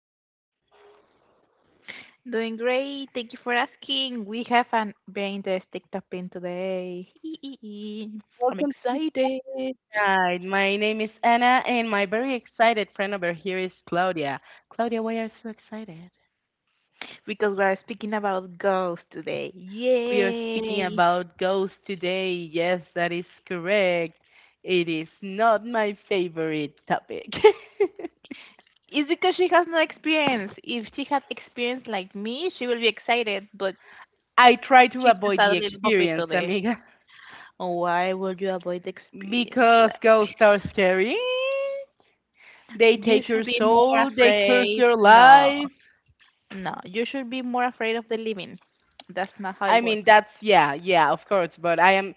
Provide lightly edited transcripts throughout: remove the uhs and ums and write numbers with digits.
tonight? Doing great. Thank you for asking. We have an very interesting topic today. I'm Welcome to excited tonight. My name is Anna, and my very excited friend over here is Claudia. Claudia, why are you so excited? because we're speaking about ghosts today. We are speaking Yay! about ghosts today. Yes, that is correct. It is not my favorite topic. It's because she has no experience. If she had experience like me, she will be excited, but I try to she's just avoid a the little puppy experience, today. amiga, Why would you avoid experience? because Like, ghosts are scary. They you take should your be more soul, they curse afraid. your No, life, no, you should be more afraid of the living. That's not how I it mean, works. that's yeah, yeah, of course. But I am.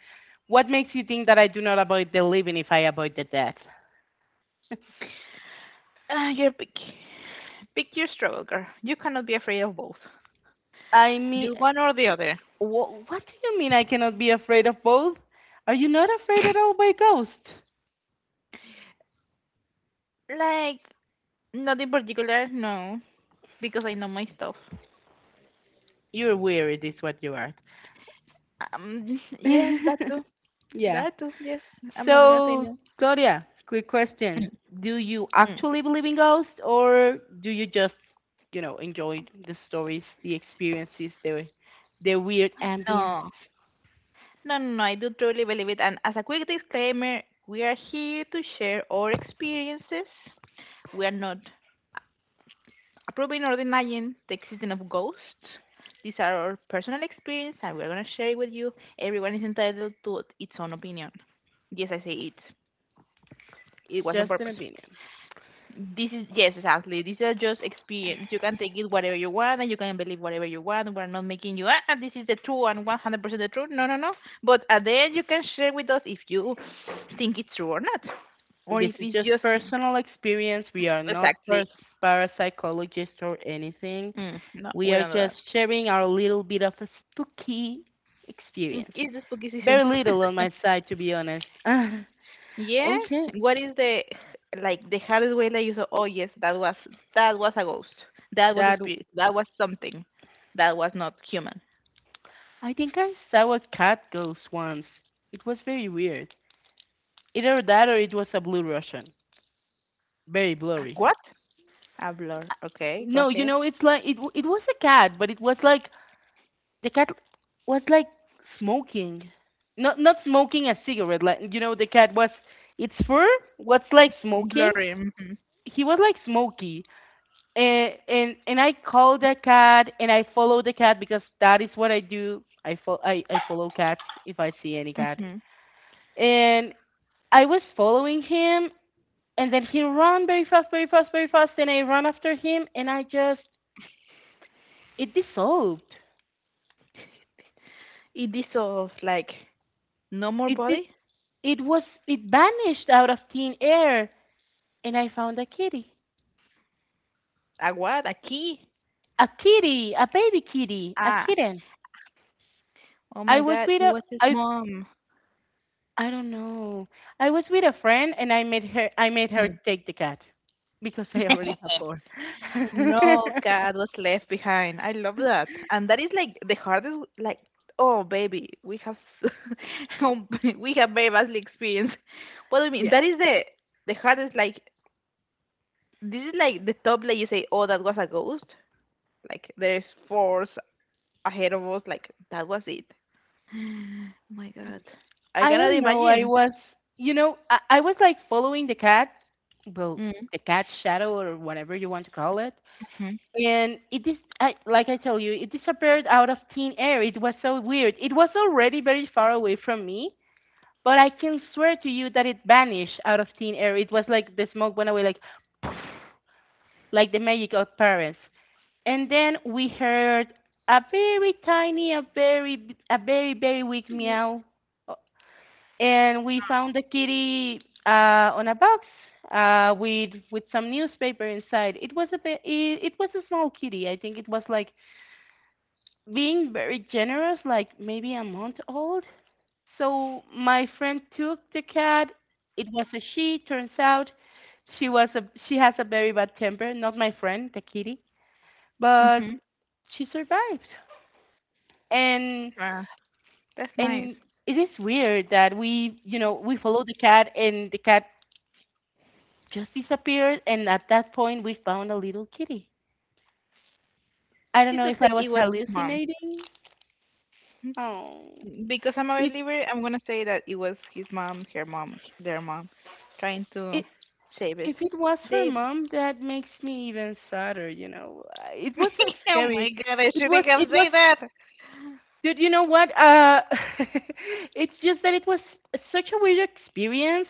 What makes you think that I do not avoid the living if I avoid the death? You're pick. Pick your struggle, girl. You cannot be afraid of both. I mean, Just one or the other. what do you mean I cannot be afraid of both? Are you not afraid at all by ghosts? Like, not in particular, no. Because I know my stuff. You're weird, is what you are. Yes, that too. yeah. That too, yes. I'm not gonna say So, no. Claudia, quick Mm, question: Do you mm. actually believe in ghosts, or do you just, enjoy the stories, the experiences, the weird ambience? No. No, I do truly believe it. And as a quick disclaimer, we are here to share our experiences. We are not approving or denying the existence of ghosts. These are our personal experience and we're going to share it with you. Everyone is entitled to its own opinion. Yes, I say it. It's It was on just an purpose. opinion. This is, yes, exactly. These are just experience. You can take it whatever you want and you can believe whatever you want. We're not making you, ah, this is the true and 100% the truth. No, no, no. But at the end, you can share with us if you think it's true or not. Or This if is it's just just personal experience. We are not exactly. Parapsychologists or anything. No, We we are don't do just that. sharing our little bit of a spooky experience. It's the spooky season. Very little on my side, to be honest. Yes. Okay, What is the like the hardest way that you thought, oh yes, that was a ghost. That was a that spirit. That was something. That was not human. I think I saw a cat ghost once. It was very weird. Either that or it was a blue Russian. Very blurry. What? A blur. Okay, go No, ahead. It's like it was a cat, but it was like the cat was like smoking. Not smoking a cigarette, like the cat was its fur was like smoking. Blurry. Mhm. He was like smoky. And I called the cat and I follow the cat because that is what I do. I follow cats if I see any cat. Mhm. And I was following him and then he ran very fast, very fast, very fast and I ran after him and I just it dissolved. It dissolves like no more It did body. it was it vanished out of thin air and I found a kitty. A what? A key. A kitty, a baby kitty, a Ah. kitten. Oh my I was God. with It a was his I mom. I don't know. I was with a friend and I made her Hmm. take the cat because I already have four. No cat was left behind. I love that. And that is like the hardest, like, oh, baby, we have, s- oh, we have very badly experienced. What do you mean? yeah. That is the hardest, like, this is like the top, like you say, oh, that was a ghost. Like, there's force ahead of us. Like, that was it. my God. I I cannot don't know. I imagine. was you know, I was like following the cat, well, Mm-hmm. the cat's shadow or whatever you want to call it. hmm And it is I, like I told you, it disappeared out of thin air. It was so weird. It was already very far away from me. But I can swear to you that it vanished out of thin air. It was like the smoke went away, like the magic of Paris. And then we heard a very tiny, a very, very weak meow. Uh, and we found the kitty on a box with some newspaper inside. It was a small kitty. I think it was like being very generous, like maybe a month old. So my friend took the cat. It was a she. Turns out, she was a she has a very bad temper. Not my friend, the kitty, but hmm she survived. And Ah, that's nice. and it is weird that we you know we followed the cat and the cat just disappeared. And at that point, we found a little kitty. I don't It know if looks I like was it was his mom. hallucinating. Oh, Because I'm a it believer, I'm gonna say that it was his mom, her mom, their mom, trying to it save it. If it was her They, mom, that makes me even sadder. It wasn't oh scary. my god, I shouldn't have It was said that. dude, you know what? It's just that it was such a weird experience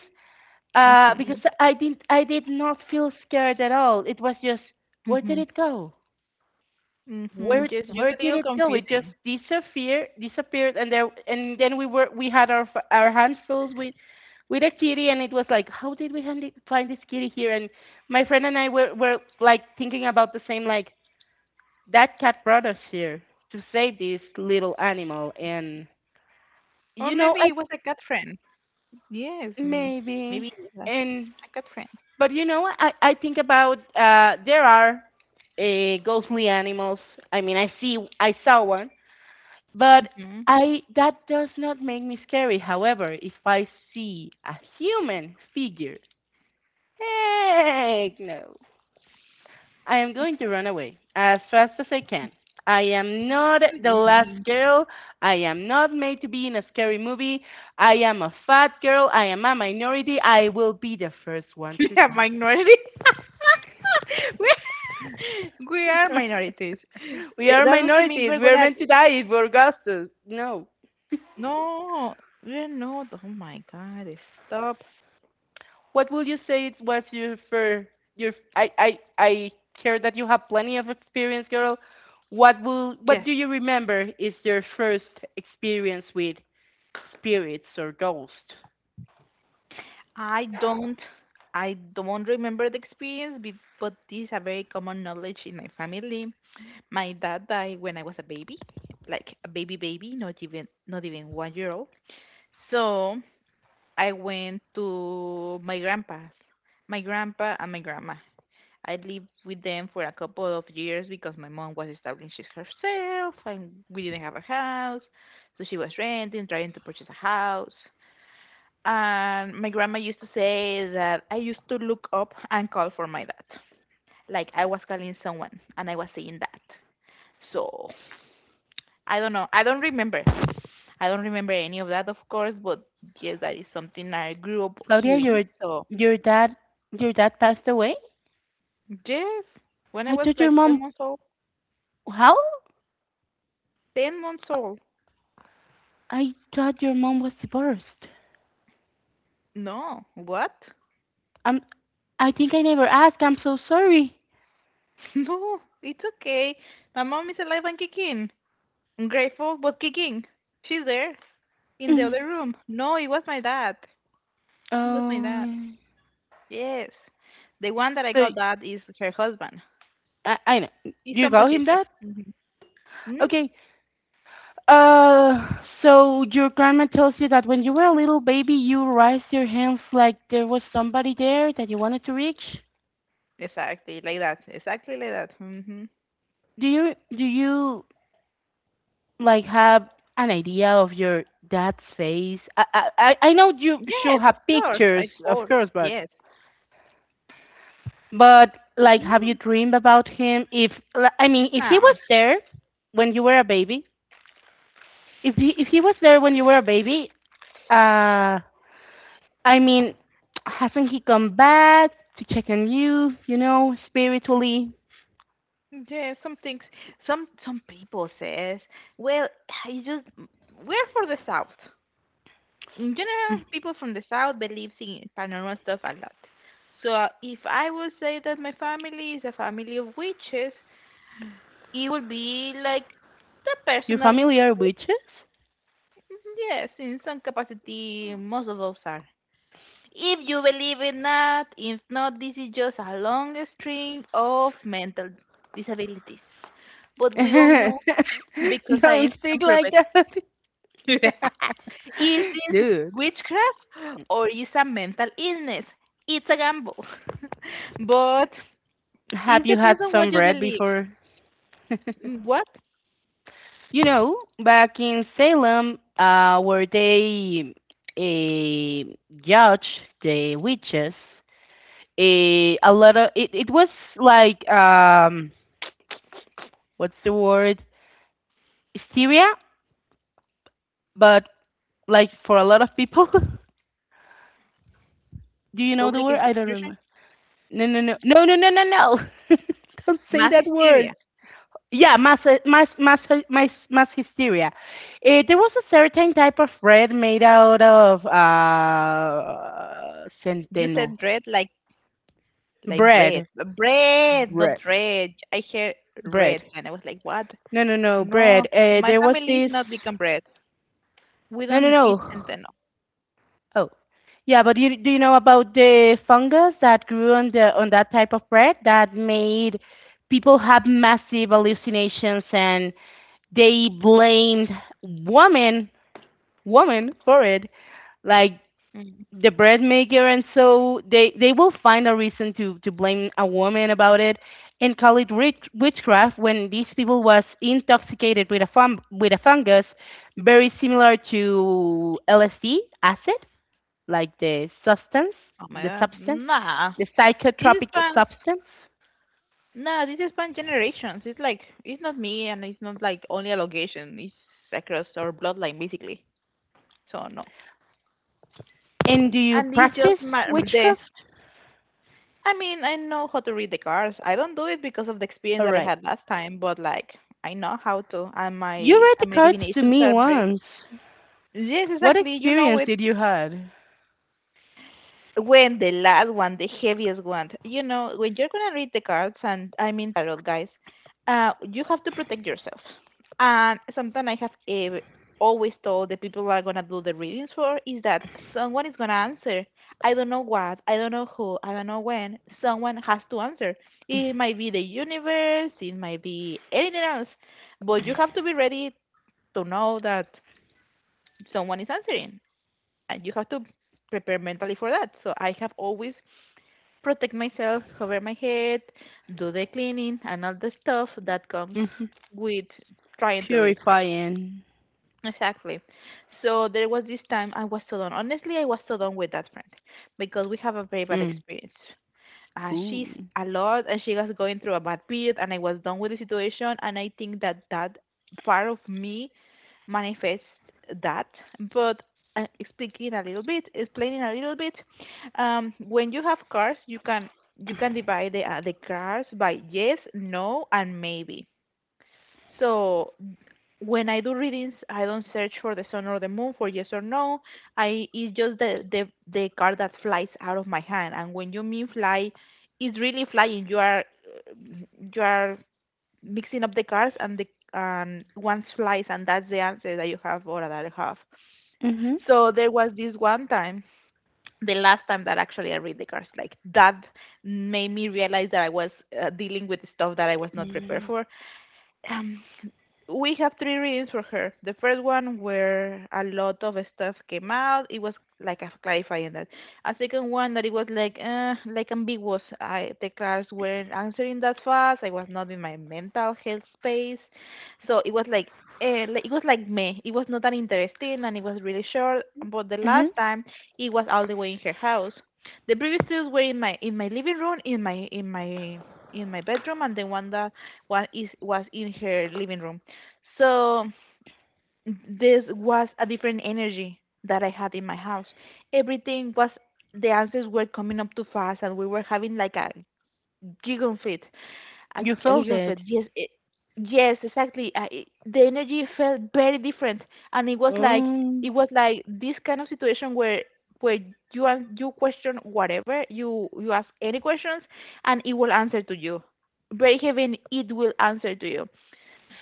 because Mhm, I did not feel scared at all. It was just where did mhm, it go? mhm. Where Just where a did little it go? It just confusing. disappeared, and then we had our hands full with a kitty, and it was like, how did we find this kitty here? And my friend and I were like thinking about the same, like that cat brought us here to save this little animal, and Or you know, I maybe it was a cat friend. Yes, me. maybe Maybe it was and a cat friend. but you know, I think about there are ghostly animals. I mean, I saw one. But Mhm. I that does not make me scary. However, if I see a human figure, heck no. I am going to run away as fast as I can. I am What not do the you last mean? girl. I am not made to be in a scary movie. I am a fat girl. I am a minority. I will be the first one We to are die. minority. we we are minorities. We are That doesn't mean minorities. we're We are gonna. meant to die if we're Augustus. No. No, you're not. Oh my God, stop. What would you say it was your for your I care that you have plenty of experience, girl. What Yes, do you remember is your first experience with spirits or ghosts? I don't, I don't remember the experience, but this is a very common knowledge in my family. My dad died when I was a baby, like a baby baby, not even 1 year old. So I went to my grandpa's, my grandpa and my grandma. I lived with them for a couple of years because my mom was establishing herself and we didn't have a house. So she was renting, trying to purchase a house. And my grandma used to say that I used to look up and call for my dad. Like I was calling someone and I was saying that. So I don't know. I don't remember. I don't remember any of that, of course, but yes, that is something I grew up Claudia, hearing. your So, your dad your dad passed away? yes, when I I was thought like your 10 mom months old, how? 10 months old. I thought your mom was divorced. No, what? Um, I think I never asked. I'm so sorry. No, it's okay. My mom is alive and kicking. I'm grateful, but kicking. She's there in the other room. No, it was my dad. It was my dad. Oh, Yes. The one that I so call dad is her husband. I know It's so you call much him easier. that? Mm Okay, Uh, so your grandma tells you that when you were a little baby, you raised your hands like there was somebody there that you wanted to reach. Exactly, like that. Exactly like that. Do you like have an idea of your dad's face? I know you should Yes, have of course. I pictures, of follow. course, but Yes. but like have you No. dreamed about him? If li- I mean, if he No. was there when you were a baby, if he was there when you were a baby, uh, I mean, hasn't he come back to check on you, spiritually? Yeah, some things. Some people says, well, I just we're for the south. In general, people from the south believe in paranormal stuff a lot. So if I would say that my family is a family of witches, it would be like the You're personal. familiar with witches? Yes, in some capacity, most of us are. If you believe in that, if not, this is just a long string of mental disabilities. But we all know because Don't science speak can prove like that. is this Dude, witchcraft or is a mental illness? It's a gamble. but have it you had depends on what some you bread believe. before? What? You know, Back in Salem, where they uh, judge the witches, a lot of it was like, what's the word? Hysteria, but like for a lot of people. Do you know the Public word? I don't execution? remember. No, no, no, no, no, no, no, no. Don't say Mass that word. hysteria. Yeah, mass, mass, mass hysteria. There was a certain type of bread made out of You centeno said dread like bread. bread, Bread, not bread, red. I heard red bread. and I was like, what? No, no, no, No, bread. My There was family is this. not become bread. We No, no, don't eat no. centeno. Oh, yeah, do you know about the fungus that grew on that type of bread that made people have massive hallucinations and they blamed woman woman for it, like Mm. the bread maker, and so they will find a reason to blame a woman about it and call it witchcraft when these people was intoxicated with a fungus very similar to LSD acid like the substance, Oh my the god. substance, Nah. the This is psychotropic plans. substance? No, this is span generations. It's like it's not me, and it's not like only a location. It's across our bloodline, basically. So no, And do you and it's practice just my the. witchcraft? I mean, I know how to read the cards. I don't do it because of the experience All that I right. had last time, but like I know how to, and You read the my cards to divinations me are very. once. Yes, What exactly. You know experience it. did you had? When the last one, the heaviest one, you know, when you're gonna read the cards, and I mean tarot, guys, you have to protect yourself. And something I have always told the people who are gonna do the readings for is that someone is gonna answer. I don't know what, I don't know who, I don't know when. Someone has to answer. It might be the universe, it might be anything else, but you have to be ready to know that someone is answering, and you have to prepare mentally for that. So I have always protect myself, cover my head, do the cleaning, and all the stuff that comes Hmm. with trying to read cars. Purifying. Exactly. So there was this time I was so done. Honestly, I was so done with that friend because we have a very bad Mm. experience Ooh. she's a lot and she was going through a bad period and I was done with the situation and I think that that part of me manifests that, but explaining a little bit when you have cars you can divide the cars by yes no and maybe. So when I do readings, I don't search for the sun or the moon for yes or no. I it's just the card that flies out of my hand. And when you mean fly, it's really flying. You are mixing up the cards and the and one flies and that's the answer that you have or that I have. Mhm. So there was this one time, the last time that actually I read the cards, like that made me realize that I was dealing with stuff that I was not prepared for. Um, we have three readings for her. The first one where a lot of stuff came out. It was like a clarifying that. A second one that it was like ambiguous. I the class weren't answering that fast. I was not in my mental health space, so it was like. It was like me. It was not that interesting and it was really short. But the Mhm. last time, it was all the way in her house. The previous two were in my living room, in my in my in my bedroom, and the one that one is was in her living room. So this was a different energy that I had in my house. Everything was the answers were coming up too fast, and we were having like a giggle fit, You a felt giggle fit. it. Yes, yes, exactly. The energy felt very different, and it Oh. was like this kind of situation where where you you question whatever you ask any questions, and it will answer to you. Very heaven, it will answer to you.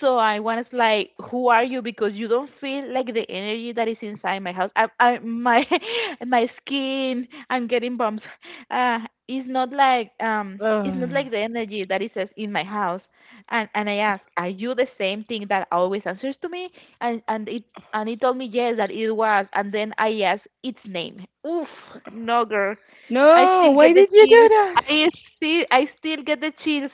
So I was like, "Who are you?" Because you don't feel like the energy that is inside my house. I my my skin. I'm getting bumps. Uh, it's not Ugh. like the energy that is in my house. And I asked, "Are you the same thing that always answers to me?" And it and he told me yes that it was. And then I asked its name. Oof, no girl. I No. still Why get the did you do chills. that, I still get the chills.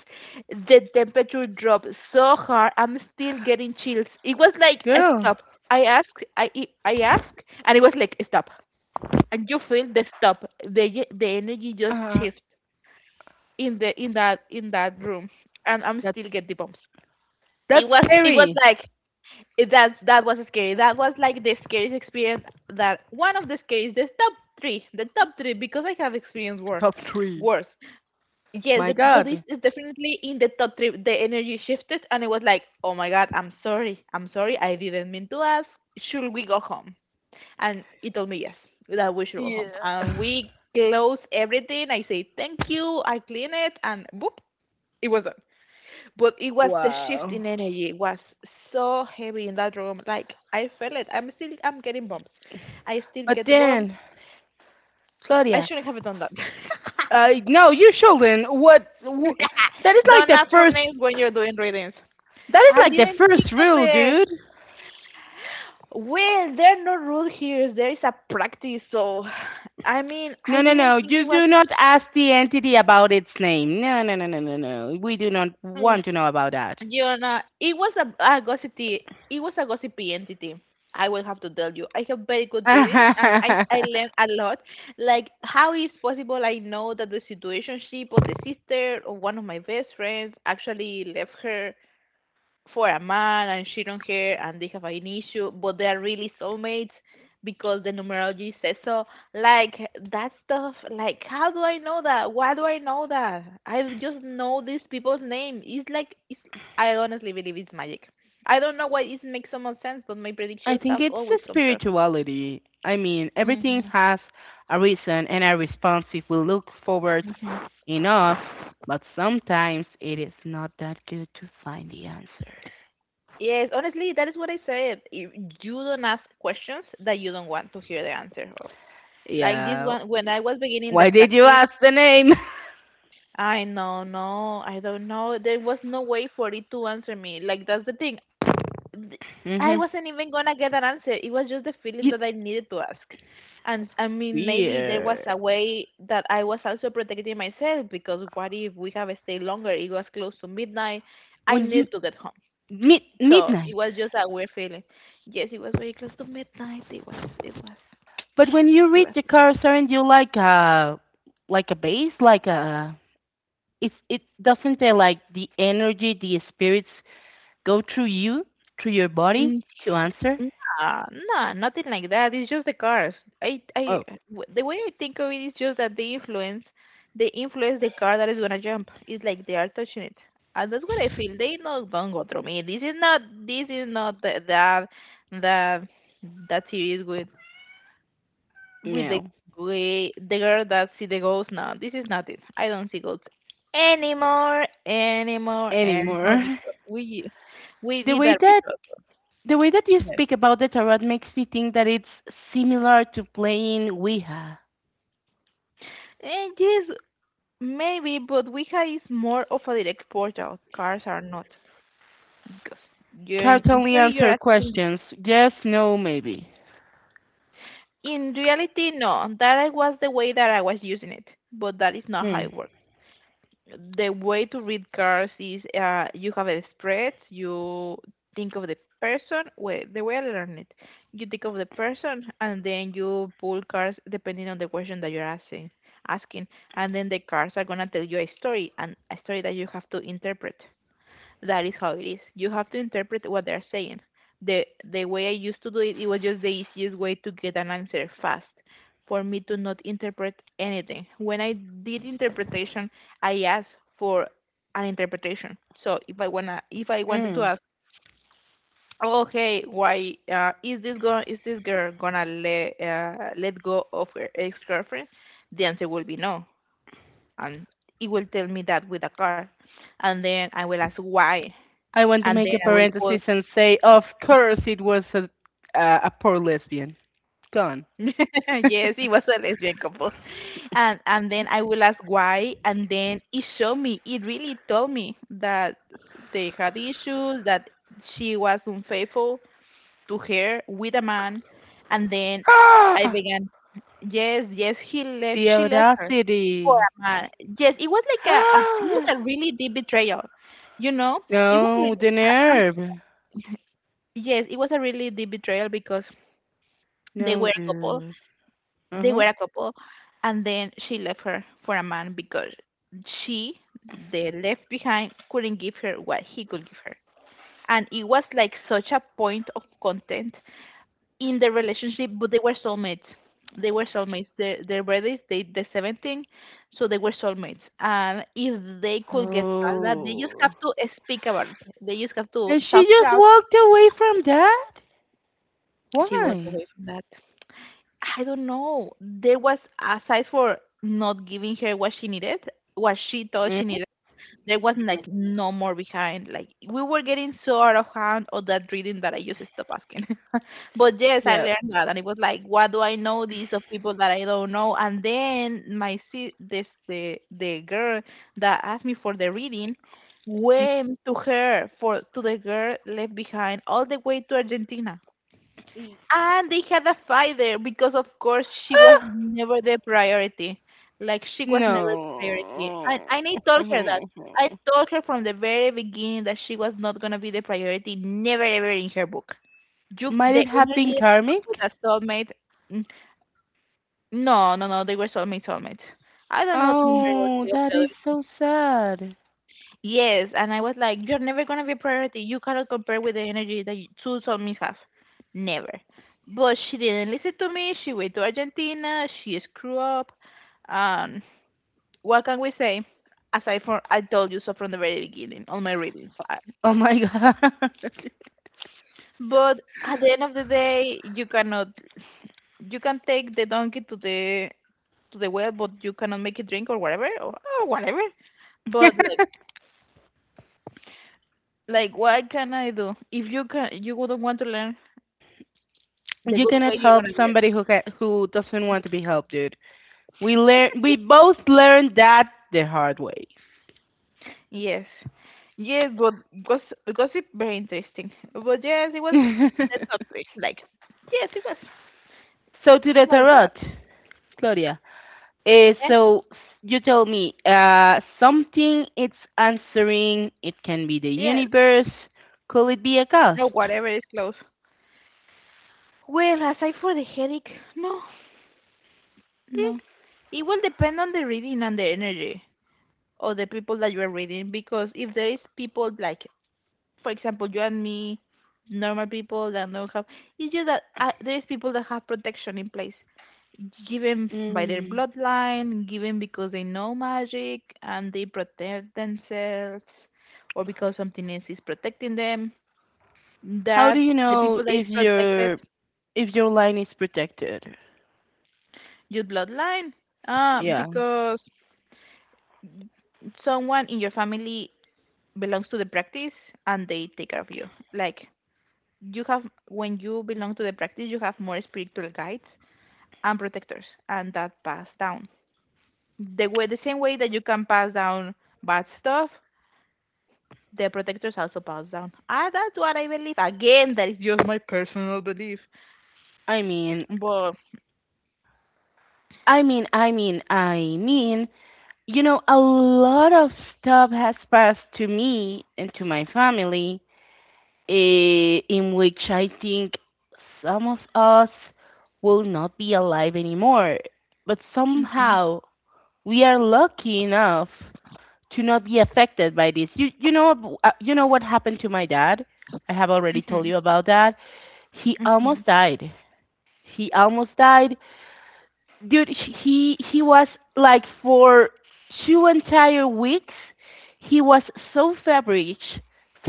The temperature dropped so hard, I'm still getting chills. It was like a girl? stop. I asked, I I I asked, and it was like stop. And you feel the stop. The energy just Uh, shifts in that room, and I'm that's still get the bumps. It that's was it was scary. like that was scary. That was like the scariest experience. That one of the scariest, the top three, because I have experienced worse. Top three. Worse. Yes, My but this God. is definitely in the top three. The energy shifted, and it was like, "Oh my God, I'm sorry, I didn't mean to ask. Should we go home?" And he told me yes, that we should go home. And Yeah. we close everything. I say thank you. I clean it, and boop, it was done. But it was the shift in Wow. energy. It was so heavy in that room. Like I felt it. I'm getting bumps. I still But get the bumps. then, I Claudia, shouldn't have done that. No, you shouldn't. What? That is like Don't the ask for first. names when you're doing readings. That is I like the didn't think first of rule, it. dude. Well, there are no rules here. There is a practice. So, I mean, I No, no, didn't no. think it You was, do not ask the entity about its name. No, no, no, no, no, no. We do not mm, want to know about that. you know, it was a gossipy, it was a gossipy entity. I will have to tell you. I have very good readings and I learned a lot. Like, how is possible I know that the situationship of the sister or one of my best friends actually left her for a man and she on her and they have an issue, but they are really soulmates because the numerology says so. Like that stuff, like how do I know that? Why do I know that? I just know these people's name. It's like it's I honestly believe it's magic. I don't know why it makes so much sense, but my I predictions think have it's always a come true. spirituality. I mean, everything hmm has a reason and a response if we look forward enough, but sometimes it is not that good to find the answer. Yes, honestly, that is what I said. If you don't ask questions that you don't want to hear the answer of. Like this Yeah, one, when I was beginning the why did you practice, ask the name? I know, no, I don't know. There was no way for it to answer me. Like that's the thing. Th- I Mhm. wasn't even gonna get an answer. It was just the feeling that It's I needed to ask. And I mean, maybe there was weird. a way that I was also protecting myself because what if we have stayed longer? It was close to midnight. I When you need to get home. mid So it midnight, was just a weird feeling. Yes, it was very close to midnight. It was. It was. But when you It read was. the cards, aren't you like a like a, base, like a it's it doesn't they like the energy, the spirits go through you, through your body mm. to answer? Nah, nah, nothing like that. It's just the cars. I, I, Oh the way I think of it is just that they influence the car that is gonna jump. It's like they are touching it, and that's what I feel. They not gonna go through me. This is not the, that, that, that series with the no, way the girl that see the ghost. No, this is not it. I don't see ghosts anymore, anymore. because we The did way that with that us. the way that you Yes. speak about the tarot makes me think that it's similar to playing Ouija. And yes, maybe, but Ouija is more of a direct portal. Cards are not. Because Cards in only theory you're answer asking. questions: yes, no, maybe. In reality, no. That was the way that I was using it, but that is not how Hmm. it works. The way to read cards is you have a spread, you think of the person. Well, the way I learned it, you think of the person, and then you pull cards depending on the question that you're asking. Asking, and then the cards are gonna tell you a story, and a story that you have to interpret. That is how it is. You have to interpret what they're saying. The way I used to do it, it was just the easiest way to get an answer fast for me to not interpret anything. When I did interpretation, I asked for an interpretation. So if I wanted to Mm. ask, oh hey, why is this girl gonna let let go of her ex girlfriend? The answer will be no, and it will tell me that with a card, and then I will ask why, I want to and make a then I will parenthesis and say, of course, it was a poor lesbian. Gone. Yes, he was a lesbian couple. And then I will ask why, and then it showed me, it really told me that they had issues, that she was unfaithful to her with a man, and then I Ah, began, yes, yes, he left, the she left her for audacity. a man. Yes, it was like a it was Ah, a really deep betrayal, you know? It was really, no, the um, nerve. yes, it was a really deep betrayal because they No, were a couple dude. Uh they huh. were a couple, and then she left her for a man because she, the left behind, couldn't give her what he could give her. And it was like such a point of content in the relationship, but they were soulmates. They were soulmates. Their birthdays, they the 17, so they were soulmates. And if they could get past that, they just have Oh. to speak about it. They just have to And she talk it just out. walked away from that? She was Why? away from that. I don't know. There was aside for not giving her what she needed, what she thought she Mm? needed, there was like no more behind. Like we were getting so out of hand of that reading that I just stopped asking. But yes, I Yeah. learned that, and it was like, what do I know these of people that I don't know? And then this the girl that asked me for the reading went to her for to the girl left behind all the way to Argentina. And they had a fight there because, of course, she was Ah, never the priority. Like she was never the priority. And, no. and I told her that. I told her from the very beginning that she was not gonna be the priority, never ever in her book. You, Might the it have been energy with karmic? a soulmate. n- No, no, no. They were soulmate, soulmates. I don't know the number of Oh, the that other. is so sad. Yes, and I was like, you're never gonna be a priority. You cannot compare with the energy that you- two zombies have. Never. But she didn't listen to me. She went to Argentina. She screwed up. Um, what can we say? Aside from I told you so from the very beginning, all my readings. Oh I, my god. but at the end of the day, you cannot. You can take the donkey to the well, but you cannot make it drink or whatever or whatever. But like, what can I do? If you can, you wouldn't want to learn the You good cannot way you're help gonna get. somebody who doesn't Yeah. want to be helped, dude. We both learned that the hard way. Yes. Yes, but gossip, gossip very interesting. But yes, it was the So top three. Like, yes, it was. to It the was tarot, that. Claudia. Uh, Eh? so you tell me something it's answering. It can be the Yes. universe. Could it be a No, ghost? whatever is close. Well, aside for the headache, no, no. It will depend on the reading and the energy of the people that you are reading because if there is people like for example, you and me, normal people that don't have. It's just that there is people that have protection in place, given by their Mm. bloodline, given because they know magic and they protect themselves, or because something else is protecting them. How do That you the know people that is if protected, your if your line is protected? your bloodline, Yeah. because someone in your family belongs to the practice and they take care of you. Like you have when you belong to the practice you have more spiritual guides and protectors and that pass down the way the same way that you can pass down bad stuff, the protectors also pass down. Ah, that's what I believe. Again, that is just my personal belief, I mean, but I mean, a lot of stuff has passed to me and to my family, in which I think some of us will not be alive anymore. But mm-hmm, somehow we are lucky enough to not be affected by this. You know what happened to my dad? I have already told mm-hmm, you about that. He mm-hmm. almost died. He almost died, dude. He was like for two entire weeks. He was so feverish,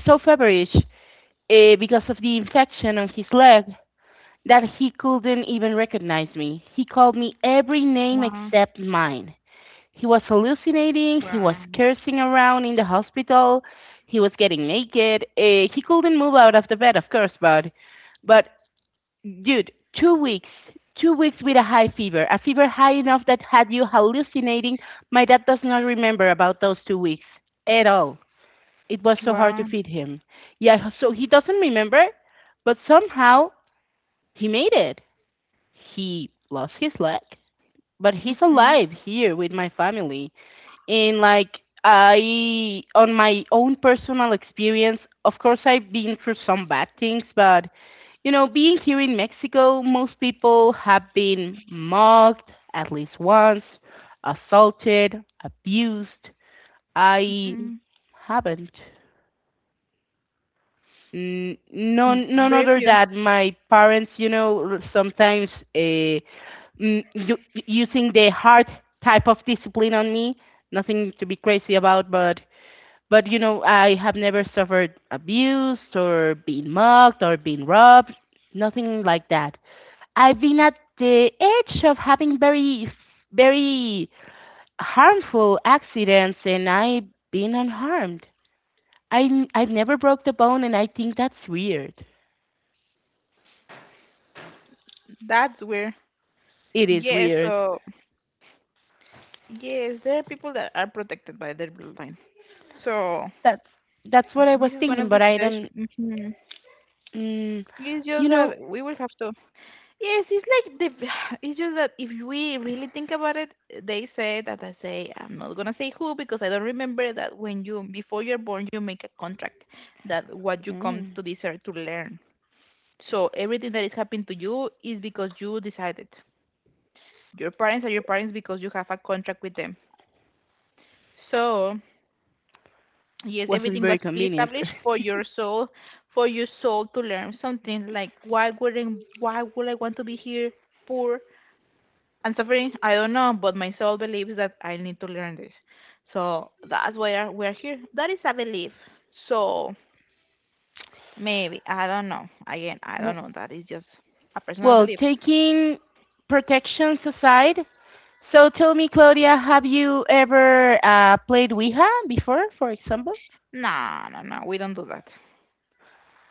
so feverish, because of the infection on his leg, that he couldn't even recognize me. He called me every name Wow. except mine. He was hallucinating. He was wow cursing around in the hospital. He was getting naked. He couldn't move out of the bed, of course, but but Dude, 2 weeks. 2 weeks with a high fever. A fever high enough that had you hallucinating. My dad does not remember about those 2 weeks at all. It was so hard to wow feed him. Yeah, so he doesn't remember, but somehow he made it. He lost his leg, but he's mm-hmm, alive here with my family. In like I, on my own personal experience, of course, I've been through some bad things, but you know, being here in Mexico, most people have been mocked at least once, assaulted, abused. I mm-hmm. haven't. N- Mm, None, none very other few. than my parents, you know, sometimes uh, mm, u- using the hard type of discipline on me. Nothing to be crazy about, but I have never suffered abuse or been mocked or been robbed, nothing like that. I've been at the edge of having very, very harmful accidents, and I've been unharmed. I've never broke the bone, and I think that's weird. That's weird. It is Yes, weird. so yes, there are people that are protected by their bloodline. So That's that's what I was this is one thinking, of but the I situation. don't. Mhm. Mm, It's you just know, that we will have to. Yes, it's like the. It's just that if we really think about it, they say that I say I'm not gonna say who because I don't remember that when you before you're born you make a contract that what you come mm, to this earth to learn. So everything that is happening to you is because you decided. Your parents are your parents because you have a contract with them. So yes, wasn't everything very was convenient. pre-established for your soul to learn something. Like, why wouldn't, why would I want to be here, poor and suffering? I don't know, but my soul believes that I need to learn this. So that's why we're here. That is a belief. So maybe I don't know. Again, I don't know. That is just a personal Well, belief. taking protections aside, so tell me, Claudia, have you ever played Ouija before, for example? No, no, no. We don't do that.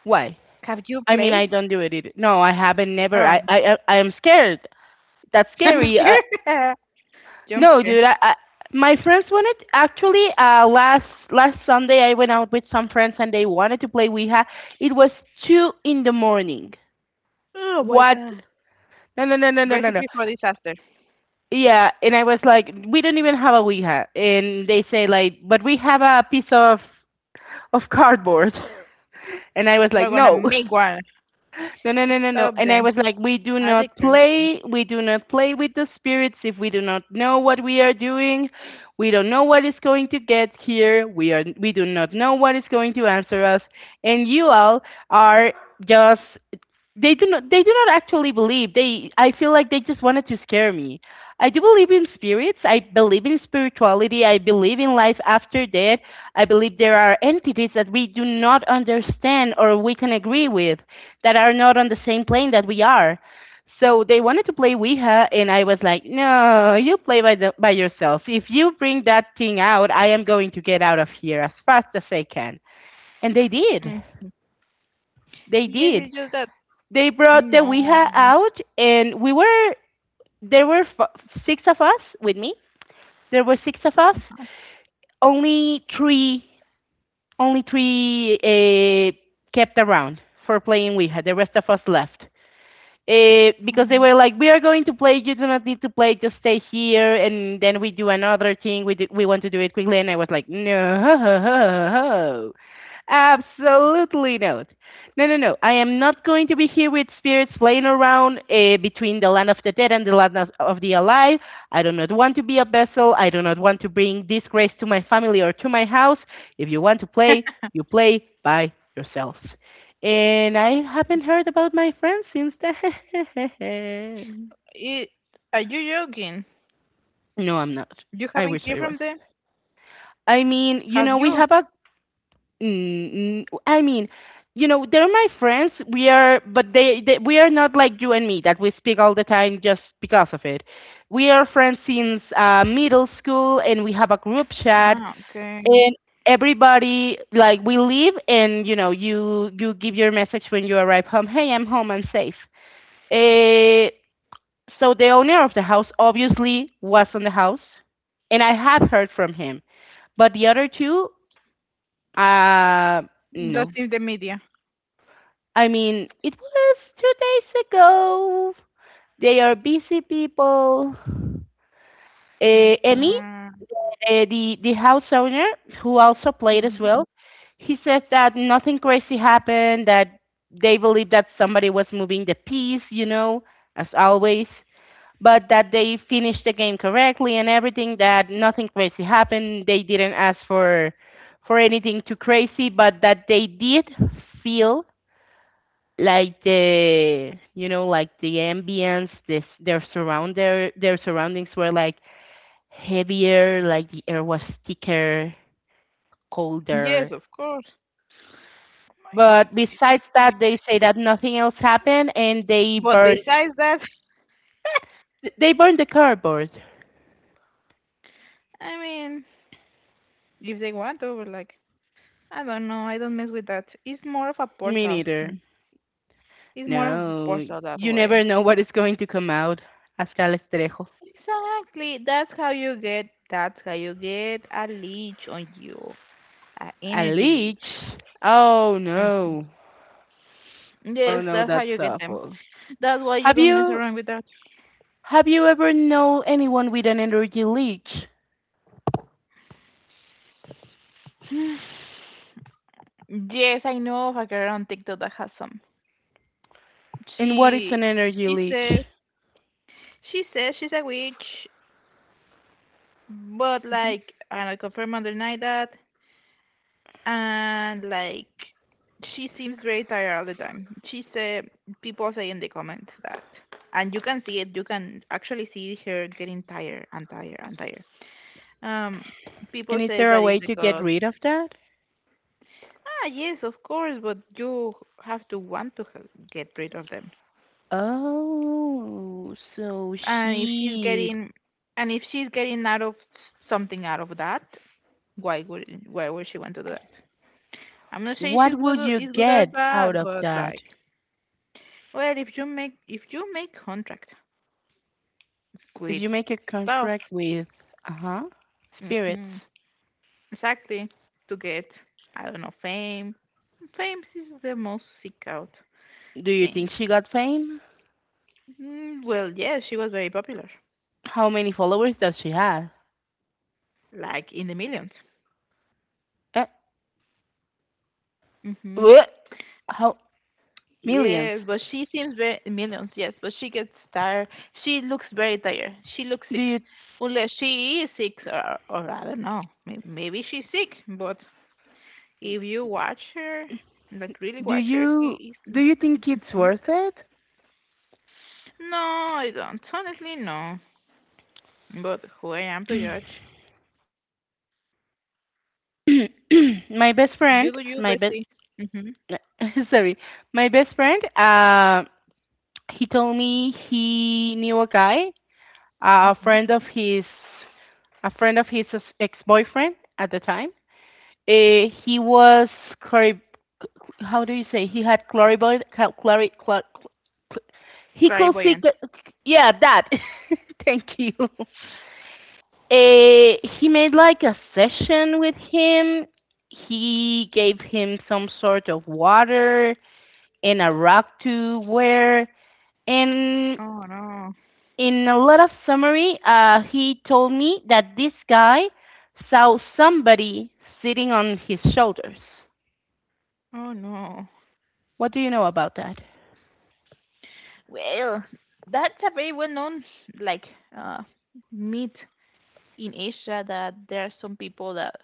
Why? Have you I mean, played? I don't do it either. No, I haven't. Never. I Um, I I I am scared. That's jump scary. Scare. jump No, scare. dude. I my friends wanted, actually, last Sunday I went out with some friends and they wanted to play Ouija. It was two in the morning. Oh my What? god. No, no, no, no, no, no, no. Recipe for disaster. Yeah, and I was like, we don't even have a Ouija, and they say like, but we have a piece of cardboard. And I was like, We're gonna no, make one. no, no, no, no, no. Stop And I them. was like, we do Are they not crazy? play. We do not play with the spirits if we do not know what we are doing. We don't know what is going to get here. We are. We do not know what is going to answer us. And you all are just, they do not. They do not actually believe. They. I feel like they just wanted to scare me. I do believe in spirits. I believe in spirituality. I believe in life after death. I believe there are entities that we do not understand or we can agree with, that are not on the same plane that we are. So they wanted to play Ouija, and I was like, "No, you play by by yourself. If you bring that thing out, I am going to get out of here as fast as I can." And they did. Mm. They Yes, did. it's just that. They brought the No. Ouija out, and we were there were six of us with me. There were six of us. Only three, only three kept around for playing Ouija. The rest of us left, Oh because they my. were like, "We are going to play. You do not need to play. Just stay here." And then we do another thing. We want to do it quickly, and I was like, "No, absolutely not. No, no, no. I am not going to be here with spirits playing around, between the land of the dead and the land of the alive. I do not want to be a vessel. I do not want to bring disgrace to my family or to my house. If you want to play, you play by yourselves." And I haven't heard about my friend since then. It, are you joking? No, I'm not. You I haven't wish heard I was. from them? I mean, you Have know, we you? have a. I mean, they're my friends. We are, but we are not like you and me that we speak all the time just because of it. We are friends since middle school, and we have a group chat, Ah, okay. and everybody, like, we leave, and you know, you give your message when you arrive home. Hey, I'm home. I'm safe. Uh, So the owner of the house obviously was on the house, and I have heard from him. But the other two, uh, Lost no. in the media. I mean, it was 2 days ago. They are busy people. My Emmy, God. The house owner, who also played as Mhm. well, he says that nothing crazy happened. That they believe that somebody was moving the piece, you know, as always. But that they finished the game correctly and everything. That nothing crazy happened. They didn't ask for anything too crazy, but that they did feel like the, ambience, this their surround their surroundings were like heavier, like the air was thicker, colder, Yes, of course. Oh my God, but these people besides are that crazy. they say that nothing else happened, and they But burned, besides that, the cardboard. I mean, if they want to, but like, I don't know. I don't mess with that. It's more of a Me portal. neither. Mm. It's more of a No, portal that you way. never know what is going to come out. Hasta el estrejo. Exactly. That's how you get. That's how you get a leech on you, a A energy leech. leech? Oh Mhm. no. Oh Yes, no, that's how that's you get them. awful. That's why you Have don't mess you around with that. have you ever known anyone with an energy leech? yes, I know of a girl on TikTok that has some. And what is She an energy she leech? says she says she's a witch, but hmm like I don't confirm or deny that. And like she seems very tired all the time. She said people say in the comments that, and you can see it. You can actually see her getting tired and tired and tired. Um, People And is say there that a it's way to get because rid of that? ah yes, of course, but you have to want to get rid of them. Oh, so And if she's shit. getting, and if she's getting out of something out of that, why would she want to do that? I'm not saying What she's good, would you is good or get bad, out of but that like well, if you make contract if with you make a stuff, contract with, uh huh spirits? hmm exactly to get I don't know fame. Fame is the most seek out Do you thing. think she got fame? Mm, well, yes, she was very popular, How many followers does she have? like in the millions. Eh, Mm-hmm. what? How millions? Yes, but she seems very millions. Yes, but she gets tired. She looks very tired. She looks Do sick, you unless she is sick, or I don't know. Maybe she's sick, but if you watch her, like really do watch her, you she do is. you think it's Mhm. worth it? No, I don't. Honestly, no. But who I am to judge? My best You friend, do you, my best bestie. Mm-hmm. sorry, my best friend. He told me he knew a guy, a Mm-hmm. friend of his, a friend of his ex boyfriend at the time. Uh, he was clari- how do you say, he had clarivoid cal- clari- cla- cl- he could see, Clairvoyant. Yeah, that. Thank you. He made like a session with him, he gave him some sort of water and a rock to wear, and, Oh no. in a lot of summary, he told me that this guy saw somebody sitting on his shoulders. Oh no. What do you know about that? Well, that's a very well-known like uh myth in Asia that there are some people that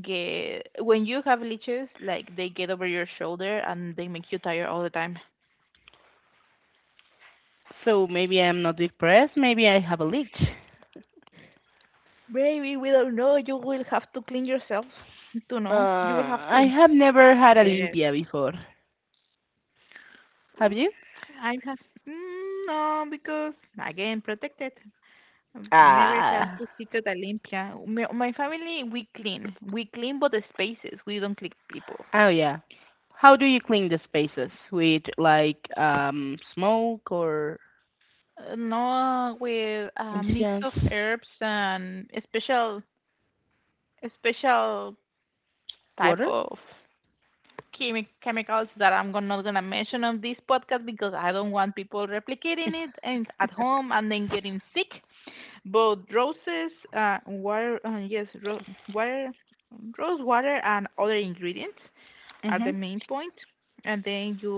get when you have leeches, like they get over your shoulder and they make you tired all the time. So maybe I'm not depressed, maybe I have a leech. Baby, we don't know. You will have to clean yourself to know. You will have I to. have never had a Yes. limpia before. Have Ooh, you? I have mm, no because again protected. I've never have Ah. to stick at Olympia. My family we clean but the spaces. We don't clean people. Oh yeah. How do you clean the spaces? With like smoke or No, with a mix incense? of herbs and a special type Water? of chemicals that I'm not gonna mention on this podcast because I don't want people replicating it and at home and then getting sick. Both roses, water, yes, water, rose water and other ingredients are Mm-hmm. the main point. And then you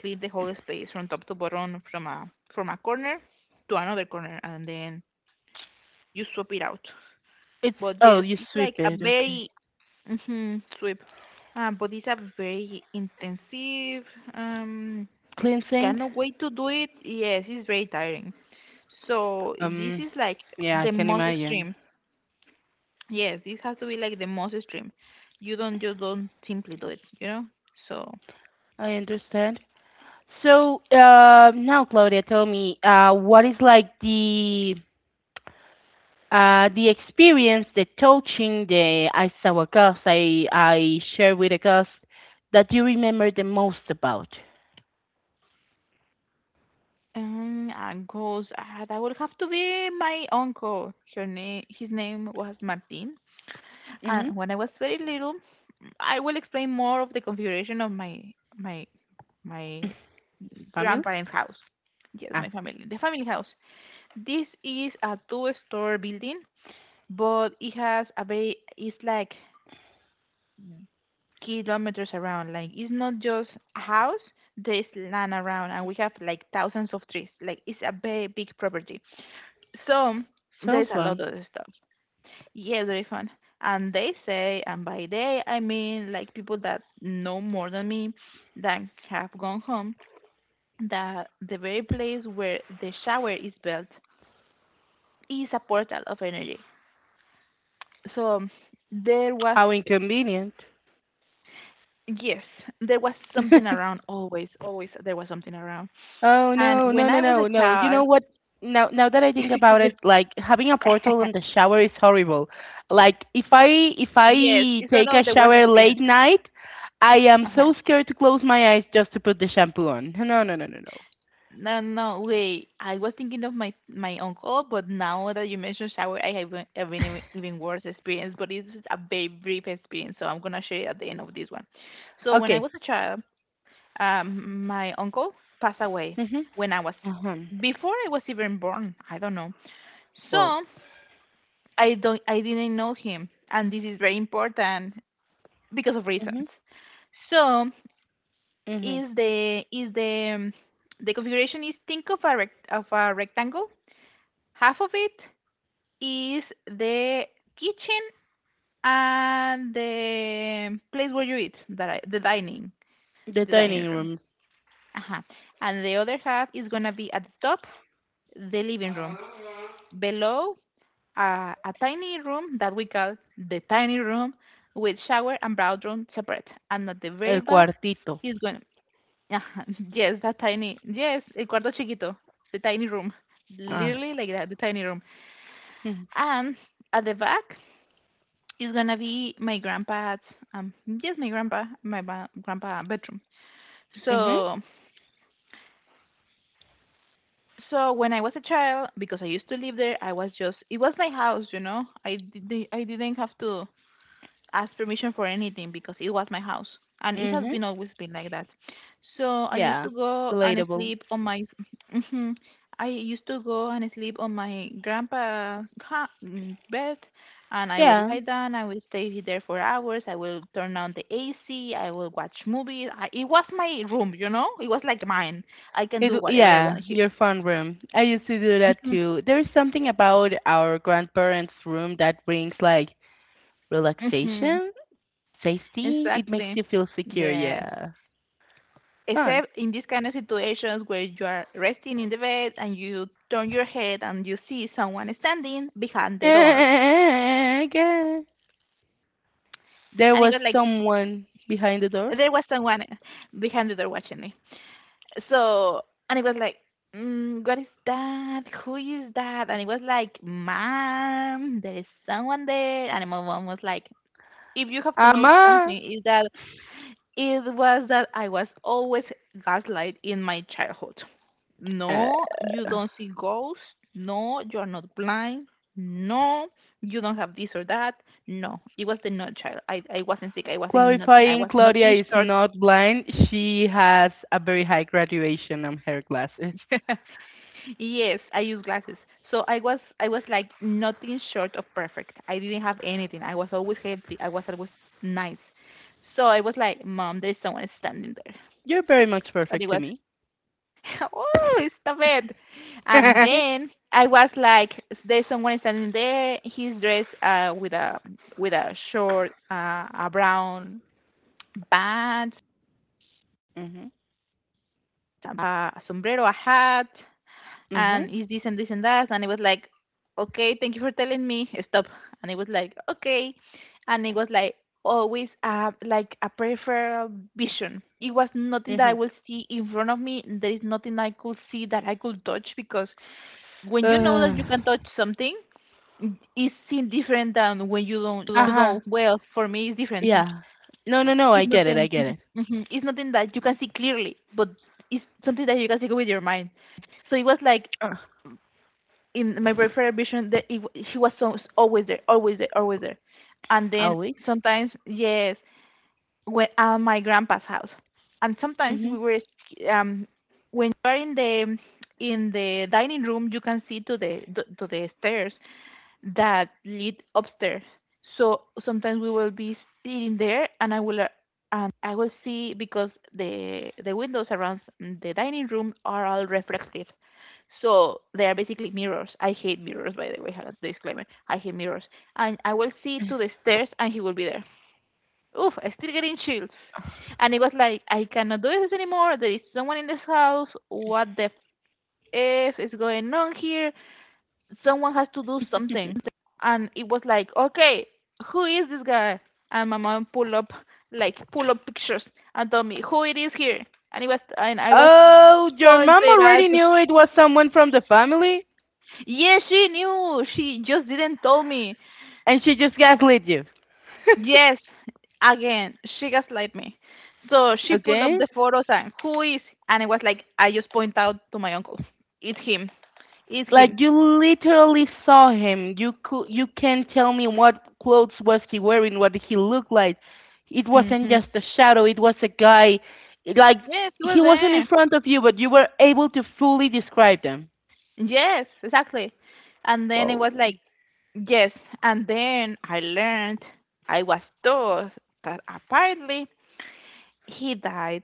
clean the whole space from top to bottom, from a corner to another corner, and then you swap it out. It's But oh yes, you it's like sweep a it, okay. very hmm sweep. But it's a very intensive um Cleansing? kind of way to do it. Yes, it's very tiring. So this Um is like yeah, I the can most imagine. extreme. Yes, this has to be like the most extreme. You don't simply do it, you know? So I understand. So, now, Claudia, tell me, what is like the, the experience, the touching, the I saw a ghost, I share with a ghost, that you remember the most about. I goes that would have to be my uncle. Her name his name was Martin. Mm-hmm. And when I was very little I will explain more of the configuration of my my Camille? grandparents' house. Yes, Ah, my family. The family house. This is a two-story building, but it has a very. It's like kilometers around. Like it's not just a house. There's land around, and we have like thousands of trees. Like it's a very big property. So sounds there's a lot fun. of stuff. Yeah, very fun. And they say, and by they I mean like people that know more than me, that have gone home, that the very place where the shower is built is a portal of energy. So there was, How inconvenient. yes, there was something around, always, always there was something around. Oh And no, no, when no, I was a no, no. You child, know what? Now that I think about it, like, having a portal in the shower is horrible. Like, if yes, I it's one take of a the worst shower experience. late night, I am Uh-huh. so scared to close my eyes just to put the shampoo on. No, no, no, no, no. No, no, wait. I was thinking of my uncle, but now that you mentioned shower, I have an even worse experience. But it's a very brief experience, so I'm gonna share it at the end of this one. So when I was Okay. a child, my uncle passed away when I was Ajá. before I was even born. I don't know. Wow. So I didn't know him, and this is very important because of reasons. Ujú, So ujú. is the the configuration is think of a rectangle half of it is the kitchen and the place where you eat, that I, The the dining dining room. room, Uh-huh. And the other half is gonna be at the top, the living room. Below, a tiny room that we call the tiny room, with shower and bathroom separate. And at the very el back cuartito. is going. Uh-huh. Yes, that tiny. Yes, el cuarto chiquito, the tiny room, Ah. literally like that, the tiny room. Mhm. And at the back it's gonna be my grandpa's yes my grandpa grandpa bedroom Mhm. so so when I was a child because I used to live there I was just it was my house you know I did I didn't have to ask permission for anything because it was my house and it has Mhm. been always been like that so I used Yeah, to go and relatable. sleep on my Mhm. I used to go and sleep on my mm, bed and I would Yeah, lie down I would stay there for hours I will turn on the AC I will watch movies I, it was my room you know it was like mine I can it. do whatever I Yeah, want here your fun room. I used to do that hmm too. There's something about our grandparents' room that brings like hmm relaxation, safety. It makes exactly you feel secure. yes Yeah, fun. except in these kind of situations where you are resting in the bed and you turn your head and you see someone standing behind the door. Okay. There And it was was like, someone behind the door. there was someone behind the door watching me. So, and it was like, mm, what is that? Who is that? And it was like, mom, there is someone there. And my mom was like, if you have to know Ama. something, is that it was that I was always gaslight in my childhood. Uh, No, you don't see ghosts. No, you are not blind. No, you don't have this or that. No, it was the no child. I wasn't sick. I wasn't nothing. I Qualifying was Claudia nothing is short. not blind. She has a very high graduation on her glasses. Yes, I use glasses. So I was like nothing short of perfect. I didn't have anything. I was always healthy. I was always nice. So I was like, Mom, there's someone standing there. You're very much And it perfect to was. me. Oh, stop it. And Mhm. then I was like, there's someone standing there. He's dressed with a short, a brown pants, a sombrero, a hat, Mhm. and he's this and this and that. And it was like, okay, thank you for telling me. Stop. And it was like, okay. And it was like always like a peripheral vision. It was nothing that I Mhm. will see in front of me. There is nothing I could see that I could touch because when you know Uh that you can touch something, it seems different than when you don't you huh. don't well for me it's different Yeah. No, no, no. I it's get it. I nothing get mhm, it. mhm. It's nothing that you can see clearly but it's something that you can see with your mind so it was like Uh, in my peripheral vision that she was so, always there always there and then always. sometimes yes when at my grandpa's house and sometimes Mhm. When you are in the dining room you can see to the stairs that lead upstairs. So sometimes we will be sitting there, and I will see because the windows around the dining room are all reflective. So they are basically mirrors. I hate mirrors, by the way. Disclaimer: I hate mirrors. And I will see to the stairs, and he will be there. Oof! I'm still getting chills. And it was like, I cannot do this anymore. There is someone in this house. What the f is going on here? Someone has to do something. And it was like, okay, who is this guy? And my mom pull up like pull up pictures and told me who it is here. And it was and I was Oh, your mom pointed at. already knew it was someone from the family, Yes, she knew. She just didn't tell me. and she just gaslit you. Yes, again, she gaslight me. So she pulled up Okay. the photos and who is? And it was like I just point out to my uncle. It's him. It's him. Like, you literally saw him. You can't tell me what clothes was he wearing, what he looked like. It wasn't Hmm just a shadow, it was a guy, like, Yes, he was he wasn't in there. front of you, but you were able to fully describe them. Yes, exactly. And then it Whoa. was like, yes. And then I learned, I was told that apparently he died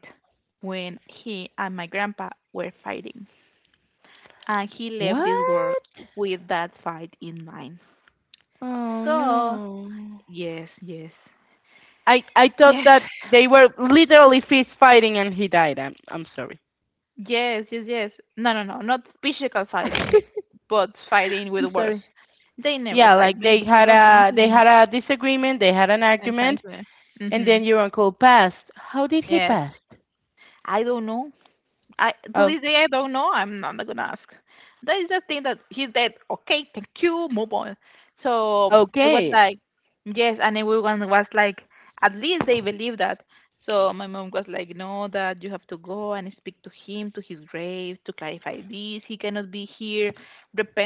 when he and my grandpa were fighting. And he left this world What? with that fight in mind. Oh So, no. yes, yes. I thought Yes, that they were literally fist fighting and he died. I'm sorry. yes, yes, yes. No, no, no. Not physical I'm fighting, but fighting with words. sorry. They never Yeah, fight. like, My, my grandpa. They Hmm. had a disagreement, they had an argument. Exactly. And Hmm. then your uncle passed. How did he Yes. pass? I don't know. I To Oh, this day, I don't know. I'm not gonna ask. That is the thing that he said. Okay, thank you. Move on. So I was okay. like, yes, and everyone was like, at least they believe that. So my mom was like, no, that you have to go and speak to him, to his grave, to clarify this. He cannot be here.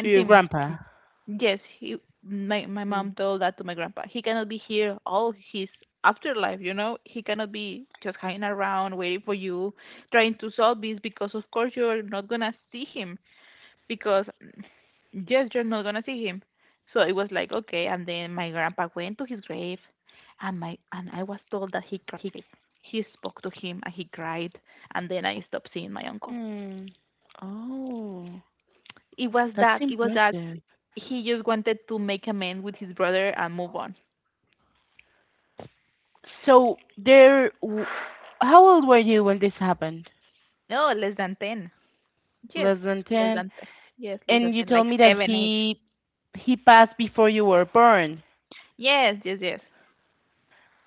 To your him. grandpa. Yes, my Mm. mom told that to my grandpa. He cannot be here all his afterlife. He cannot be just hanging around waiting for you, trying to solve this, because of course you're not gonna see him, because yes, you're not gonna see him. So it was like, okay, and then my grandpa went to his grave, and I was told that he cried. He spoke to him and he cried, and then I stopped seeing my uncle. Mm. Oh, it was that's that it was that impressive. he just wanted to make amends with his brother and move on. So how old were you when this happened? No, less than 10. Yes, Less than less 10. than 10. Yes, less than And you 10, like told me that 7, 8. he passed before you were born, Yes, yes, yes,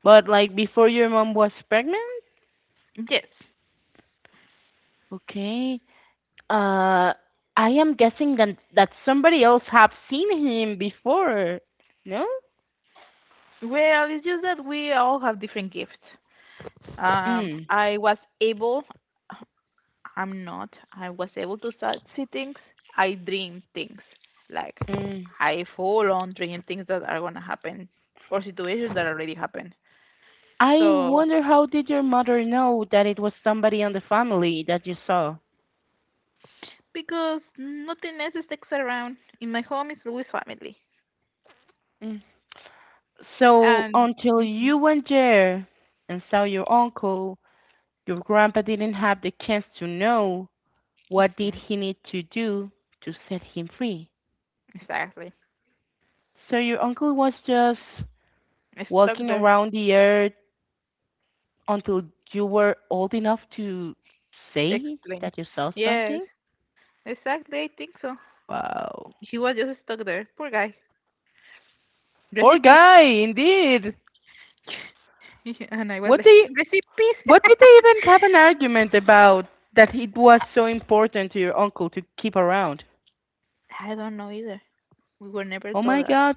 but like, before your mom was pregnant? yes. Okay. Uh, I am guessing that somebody else have seen him before. No? Well, it's just that we all have different gifts. Um, Mm. I was able, I'm not, I was able to start see things. I dream things. Like, Mm. I full on dream things that are going to happen or situations that already happened. I So, wonder how did your mother know that it was somebody on the family that you saw? because nothing else sticks around, in my home it's always family. Mm. So And. until Mhm. you went there and saw your uncle, your grandpa didn't have the chance to know what did Mhm. he need to do to set him free. Exactly. So your uncle was just Stuck walking there. around the earth until you were old enough to say Explain. that you saw Yes, something? exactly. I think so. Wow. He was just stuck there. Poor guy. Poor Recipes. guy, indeed. And I was What like, do you, recipes? What did they even have an argument about that it was so important to your uncle to keep around? I don't know either. We were never Oh my told that. God,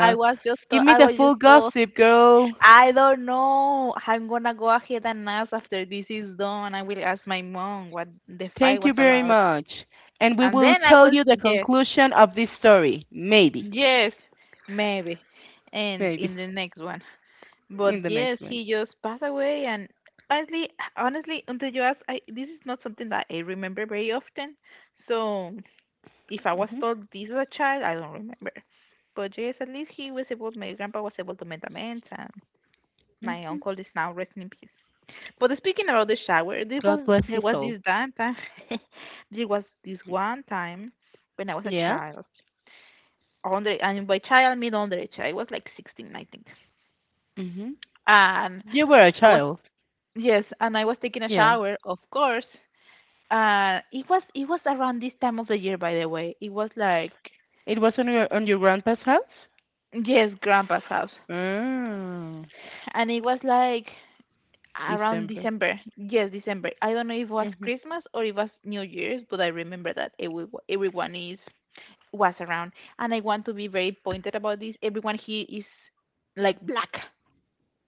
I was just Give told, me I the was full just told, gossip, girl. I don't know. I'm gonna go ahead and ask after this is done. I will ask my mom what the fight Thank was you very about. much. And we And will then I tell was, you the yes, conclusion of this story. Maybe. yes, maybe. And Maybe. in the next one. In But the yes, next one. he just passed away. And honestly, honestly, until you ask, this is not something that I remember very often. So if I was Hmm told this as a child, I don't remember. But yes, at least he was able. My grandpa was able to make amends, and my hmm uncle is now resting in peace. But speaking about the shower, there God was bless his there was soul. this damn time. There was this one time when I was a Yeah. child. Under, and by child, I mean underage. I was like 16, I think. hmm And You were a I was child. Yes, and I was taking a Yeah. shower, of course. It was around this time of the year, by the way. It was like, It was on your grandpa's house? yes, grandpa's house. Oh, And it was like around December. December. Yes, December. I don't know if it was Hmm Christmas or it was New Year's, but I remember that every, everyone is was around. And I want to be very pointed about this. Everyone here is like black.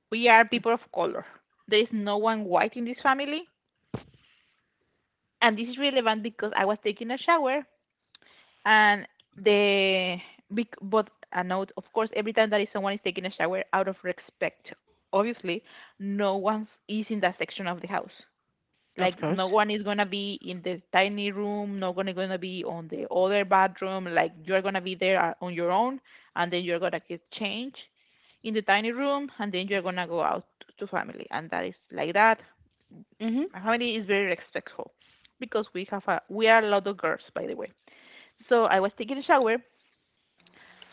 We are people of color. There is no one white in this family, and this is relevant because I was taking a shower and the but a note, of course, every time that is someone is taking a shower, out of respect, obviously, no one is in that section of the house. Of Like, course. no one is gonna be in the tiny room, no one is gonna be on the other bathroom. Like, you're gonna be there, on your own, and then you're gonna get changed in the tiny room, and then you're gonna go out to family, and that is like that. Hmm My family is very respectful, because we have a we are a lot of girls, by the way. So I was taking a shower,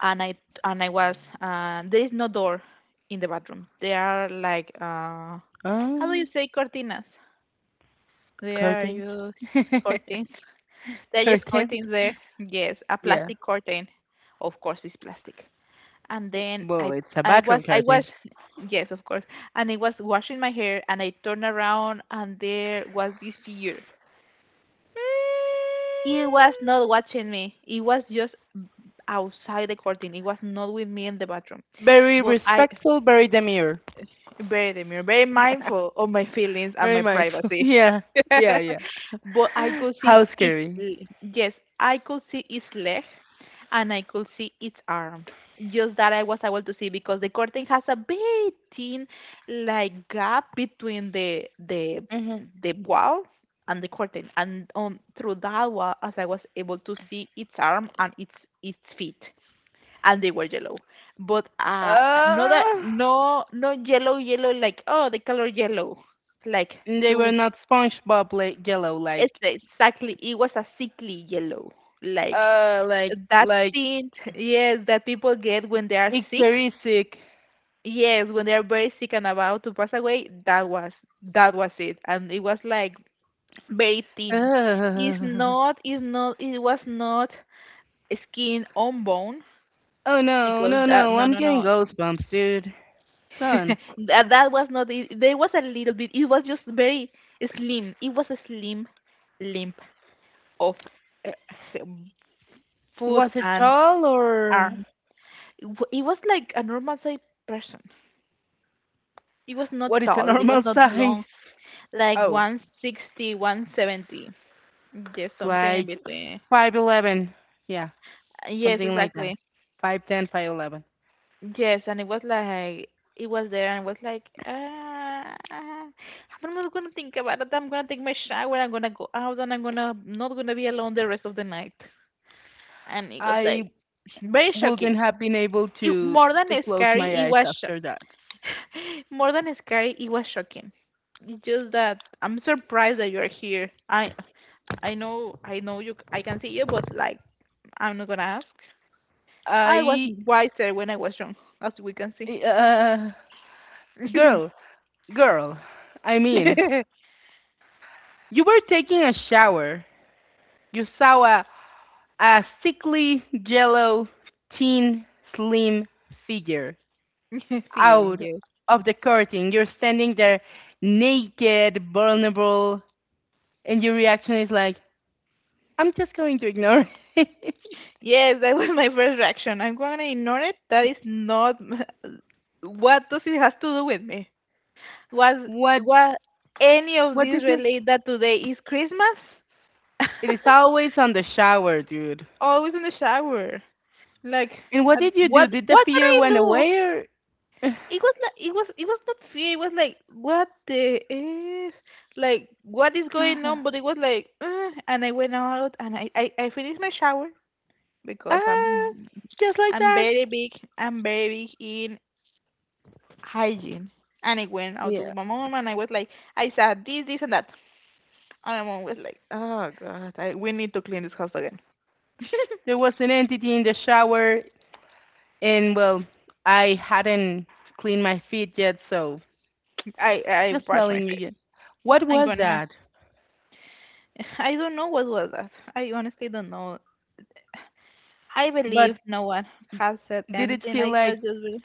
and I and I was there is no door in the bathroom. They are like, how do you Um, say cortinas? They are Curtains. just curtains. They use curtains? curtains there. Yes, a Yeah. plastic curtain. Of course, it's plastic. And then Well, it's a bathroom I was, curtain. Yes, of course. And I was washing my hair, and I turned around, and there was this figure. It was not watching me. It was just outside the curtain. It was not with me in the bathroom. Very But I, respectful, very demure, Very demure, very mindful of my feelings and very my mindful. privacy. Yeah, yeah, yeah. But I could see How its, scary. l- Yes, I could see its leg, and I could see its arm. Just that I was able to see, because the curtain has a very thin, like, gap between the the Hmm the wall and the curtain, and through that wall as I was able to see its arm and its feet, and they were yellow. But not that, Uh, no, no, yellow yellow, like, oh, the color yellow. Like, they were you not SpongeBob like yellow, it's like exactly, it was a sickly yellow, like uh, like that like tint. Yes, that people get when they are sick. icterisic. Yes, when they are very sick and about to pass away, that was it. And it was like very thin. It's Uh, not, it's not, it was not skin on bone, oh no, because no, that no! no, I'm no, getting no. goosebumps, dude. Done. That was not it. There was a little bit. It was just very slim. It was a slim limp of uh, um, foot Was it and tall or arm. It was like a normal size person. It was what not is a tall. It normal was not size? long. Like, Oh, 160, 170, 170. Yes, something in like between. 5'11". Yeah, Yes, something like that. exactly. 5'10", 5'11". Yes, and it was like, it was there, and it was like, ah, I'm not gonna think about it. I'm gonna take my shower. I'm gonna go out, and I'm gonna not gonna be alone the rest of the night. And it was like I very wouldn't shocking. have been able More than to close scary, my it eyes was sho after that. more than scary. It was shocking. It's just that I'm surprised that you're here. I know you. I can see you, but like, I'm not gonna ask. I was I wiser when I was young, as we can uh see. Girl, girl. I mean, you were taking a shower. You saw a, a sickly yellow thin slim figure Figuring, out yes. of the curtain. You're standing there naked, vulnerable, and your reaction is like, I'm just going to ignore it. Yes, that was my first reaction. I'm going to ignore it. That is not, what does it has to do with me? Was what What any of what these did you relate that today is Christmas? It is always on the shower, dude. Always in the shower. Like, And what at- did you do? what Did the what can fear I went do? away or It was like, it was not fear. It was like, what the is, like, what is going on? But it was like, and I went out, and I finished my shower, because Ah, just like I'm that? very big I'm very big in hygiene. And I went out to Yeah. my mom, and I was like, I said this, this, and that. And my mom was like, oh god, we need to clean this house again. There was an entity in the shower and well, I hadn't cleaned my feet yet, so I just brushed my telling you face. again. What I'm was gonna, that? I don't know what was that. I honestly don't know. I But believe no one has said did it anything. feel I was like just very-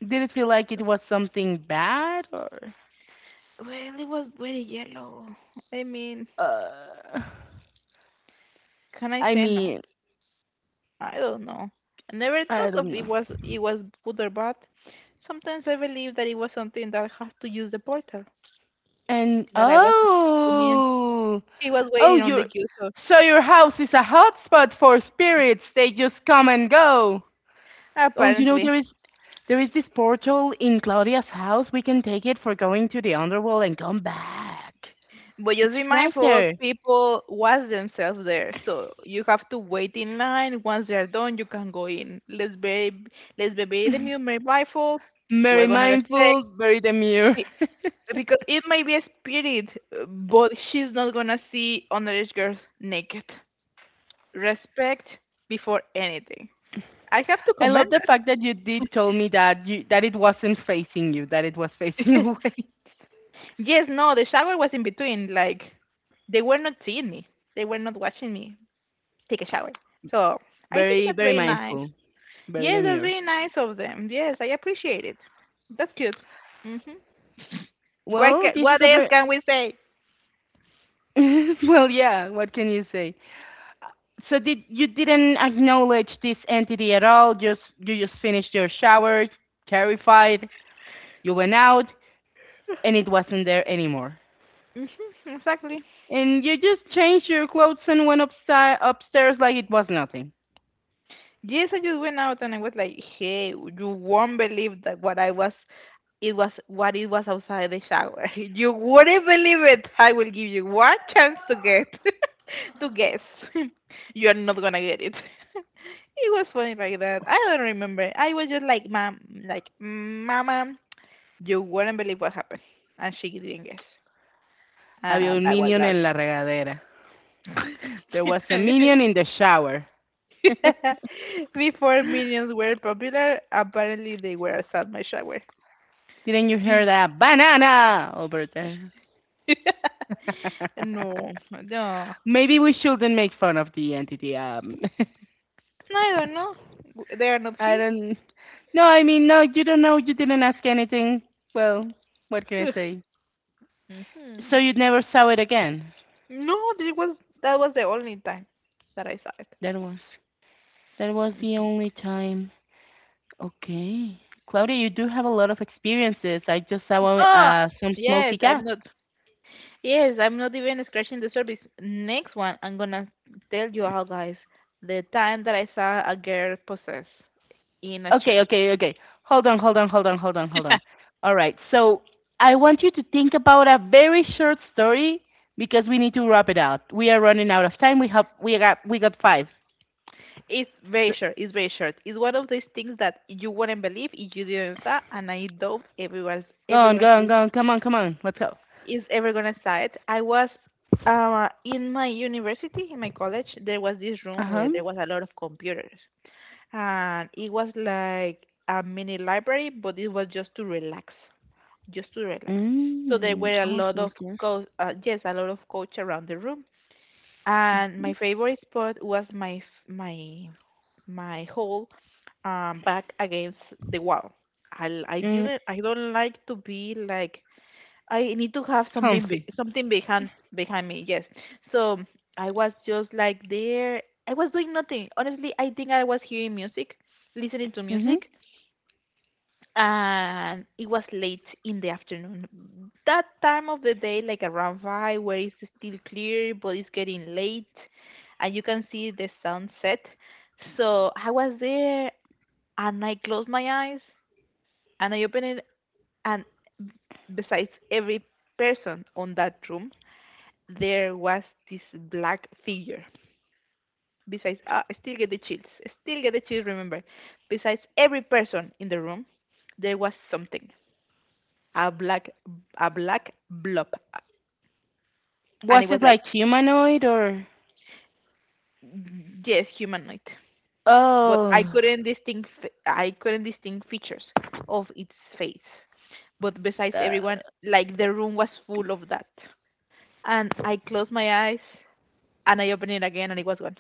did it feel like it was something bad or well, it was very yellow. I mean, uh can I I say no? mean, I don't know. I never I thought of don't it know. was it was good or bad. Sometimes I believe that it was something that has to use the portal. And That I was explaining. oh, She was oh, waiting on the your queue, so so your house is a hotspot for spirits. They just come and go. Oh, you know apparently. there is this portal in Claudia's house. We can take it for going to the underworld and come back. But It's just be right mindful, there. people was themselves there. So you have to wait in line. Once they're done, you can go in. let's be very the mirror mindful. We're very gonna respect, mindful, very demure. be- because it may be a spirit, but she's not gonna see underage girls naked. Respect before anything. I have to I commend love the fact that you did told me that you that it wasn't facing you, that it was facing that. away. Yes, no, the shower was in between. Like, they were not seeing me. They were not watching me take a shower. So I think Very that's very very nice. mindful, very Yes, that's demure. very nice of them. Yes, I appreciate it. That's cute. Mhm. What Well, ca- this is what a else very can we say? well, yeah. What can you say? So did you didn't acknowledge this entity at all? Just you just finished your shower, terrified. You went out, and it wasn't there anymore. Mhm. Exactly. And you just changed your clothes and went upstairs, upstairs like it was nothing. Yes, I just went out, and I was like, hey, you won't believe that what I was it was what it was outside the shower. You wouldn't believe it. I will give you one chance to get, to guess. You're not gonna get it. It was funny like that. I don't remember. I was just like mom like mama, you wouldn't believe what happened. And she didn't guess. Había And un that was minion that. en la regadera. There was a minion in the shower. Before minions were popular, apparently they were outside my shower. Didn't you hear You that banana over there? no, no. Maybe we shouldn't make fun of the entity. I don't know. They are not I here. don't. No, I mean, no, you don't know. You didn't ask anything. Well, what can I say? So Hmm. you never saw it again. No, this was that was the only time that I saw it. That was that was the Mhm. only time. Okay, Claudia, you do have a lot of experiences. I just saw Oh, some yes, smoky I'm cat. not. Yes, I'm not even scratching the surface. Next one, I'm gonna tell you all guys the time that I saw a girl possessed in a Okay, church. okay, okay. Hold on, hold on, hold on, hold on, hold on. All right. So I want you to think about a very short story because we need to wrap it up. We are running out of time. We got five. It's very So, short. It's very short. It's one of those things that you wouldn't believe if you didn't saw, and I doubt everyone, go on, everyone go on, go on. Come on, come on. Let's go. is ever gonna start. I was, in my university, in my college, there was this room where Uh-huh. there was a lot of computers, and it was like a mini library, but it was just to relax, just to relax. So there Mm. were a Oh, lot sounds of good. coach, yes, a lot of coach around the room, and my Mm. favorite spot was my f- my hole, back against the wall. I, I Mm, didn't I don't like to be like, I need to have something, comfy. something behind me. Yes. So I was just like there. I was doing nothing. Honestly, I think I was hearing music, listening to Mm-hmm. music, and it was late in the afternoon. That time of the day, like around 5, where it's still clear, but it's getting late, and you can see the sunset. So I was there, and I closed my eyes, and I opened it, and besides every person on that room there was this black figure. Besides, I still get the chills. I still get the chills, remember. Besides every person in the room, there was something. A black, a black blob. And Was it was it like, like humanoid or? yes, humanoid. But I Oh, couldn't distinct, I couldn't distinct features of its face. But besides the, everyone, like, the room was full of that. And I closed my eyes, and I opened it again, and it was gone.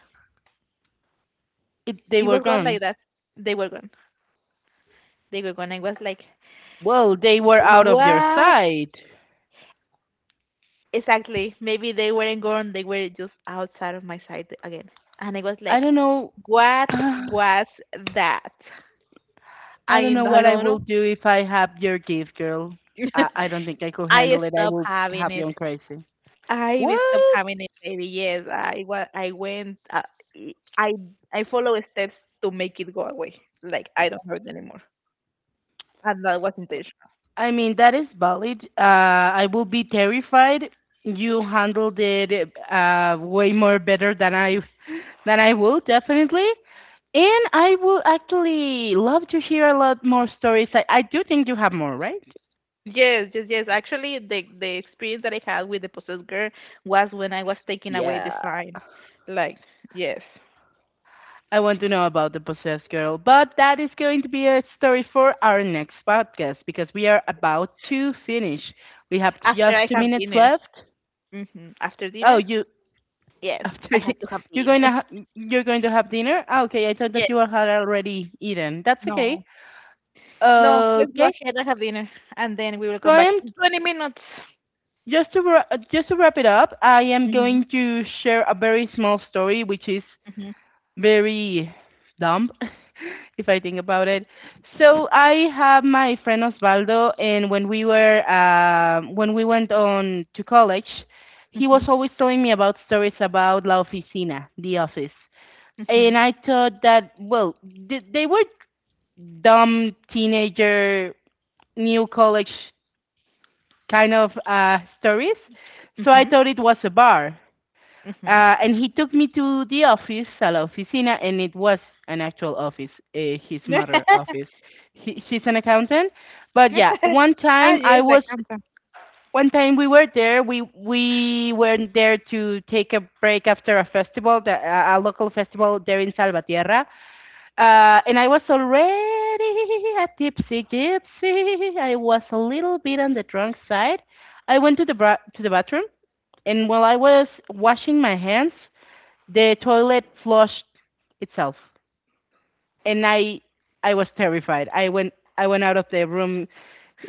they It were was gone like gone. that. They were gone. They were gone. I was like, Well, they were out of your what? sight. Exactly. Maybe they weren't gone, they were just outside of my sight again. And I was I like, don't know. what I was that? don't I, know I what I don't know. will do if I have your gift, girl. I don't think I could I handle it. I stopped will having have it. you on crazy. I stopped What? having it, baby. Yes, I, wa- I went, I, I follow steps to make it go away. Like, I don't hurt anymore. And that was intentional. I mean, that is valid. I will be terrified. You handled it way more better than I will definitely. And I will actually love to hear a lot more stories. I do think you have more, right? Yes, yes, yes. Actually, the experience that I had with the possessed girl was when I was taking away the Yeah. sign. Like, yes. I want to know about the possessed girl. But that is going to be a story for our next podcast because we are about to finish. We have After just I two have minutes dinner. left. Hmm. After Oh, dinner? you Yes, I After have di- to have you're going to dinner. You're going to have dinner? Ah, okay, I thought that Yes. you had already eaten. That's okay. No. No, let's go Okay, ahead and have dinner, and then we will so come I back am in 20 minutes. Just to wrap it up. I am Hmm. going to share a very small story, which is Hmm. very dumb, if I think about it. So I have my friend Osvaldo, and when we were when we went on to college, he Hmm. was always telling me about stories about La Oficina, the office, Hmm. and I thought that well, they were dumb teenager new college kind of stories, so I Hmm. thought it was a bar. Hmm. And he took me to the office, a la oficina, and it was an actual office, his mother office. She's an accountant, but yeah, Ah, yes, that comes from. one time we were there. We were there to take a break after a festival, a local festival there in Salvatierra. And I was already a tipsy gypsy. I was a little bit on the drunk side. I went to the bathroom, and while I was washing my hands, the toilet flushed itself and I was terrified. I went out of the room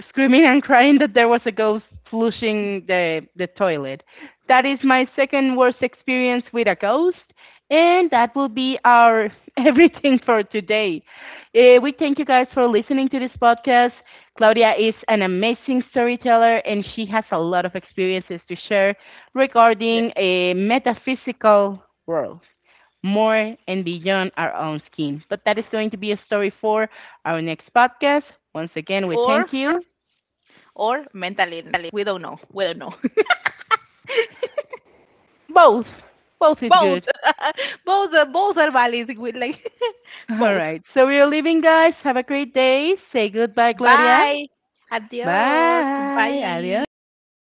screaming and crying that there was a ghost flushing the toilet. That is my second worst experience with a ghost, and that will be our everything for today. We thank you guys for listening to this podcast. Claudia is an amazing storyteller, and she has a lot of experiences to share Yes. regarding a metaphysical world more and beyond our own skin. But that is going to be a story for our next podcast. Once again, we Or thank you. or mentally, we don't know. We don't know. Both. Both is Both. good. both are valid with, like, All both. right. So we are leaving, guys. Have a great day. Say goodbye, Gloria. Bye. Adios. Bye. Bye. Adios.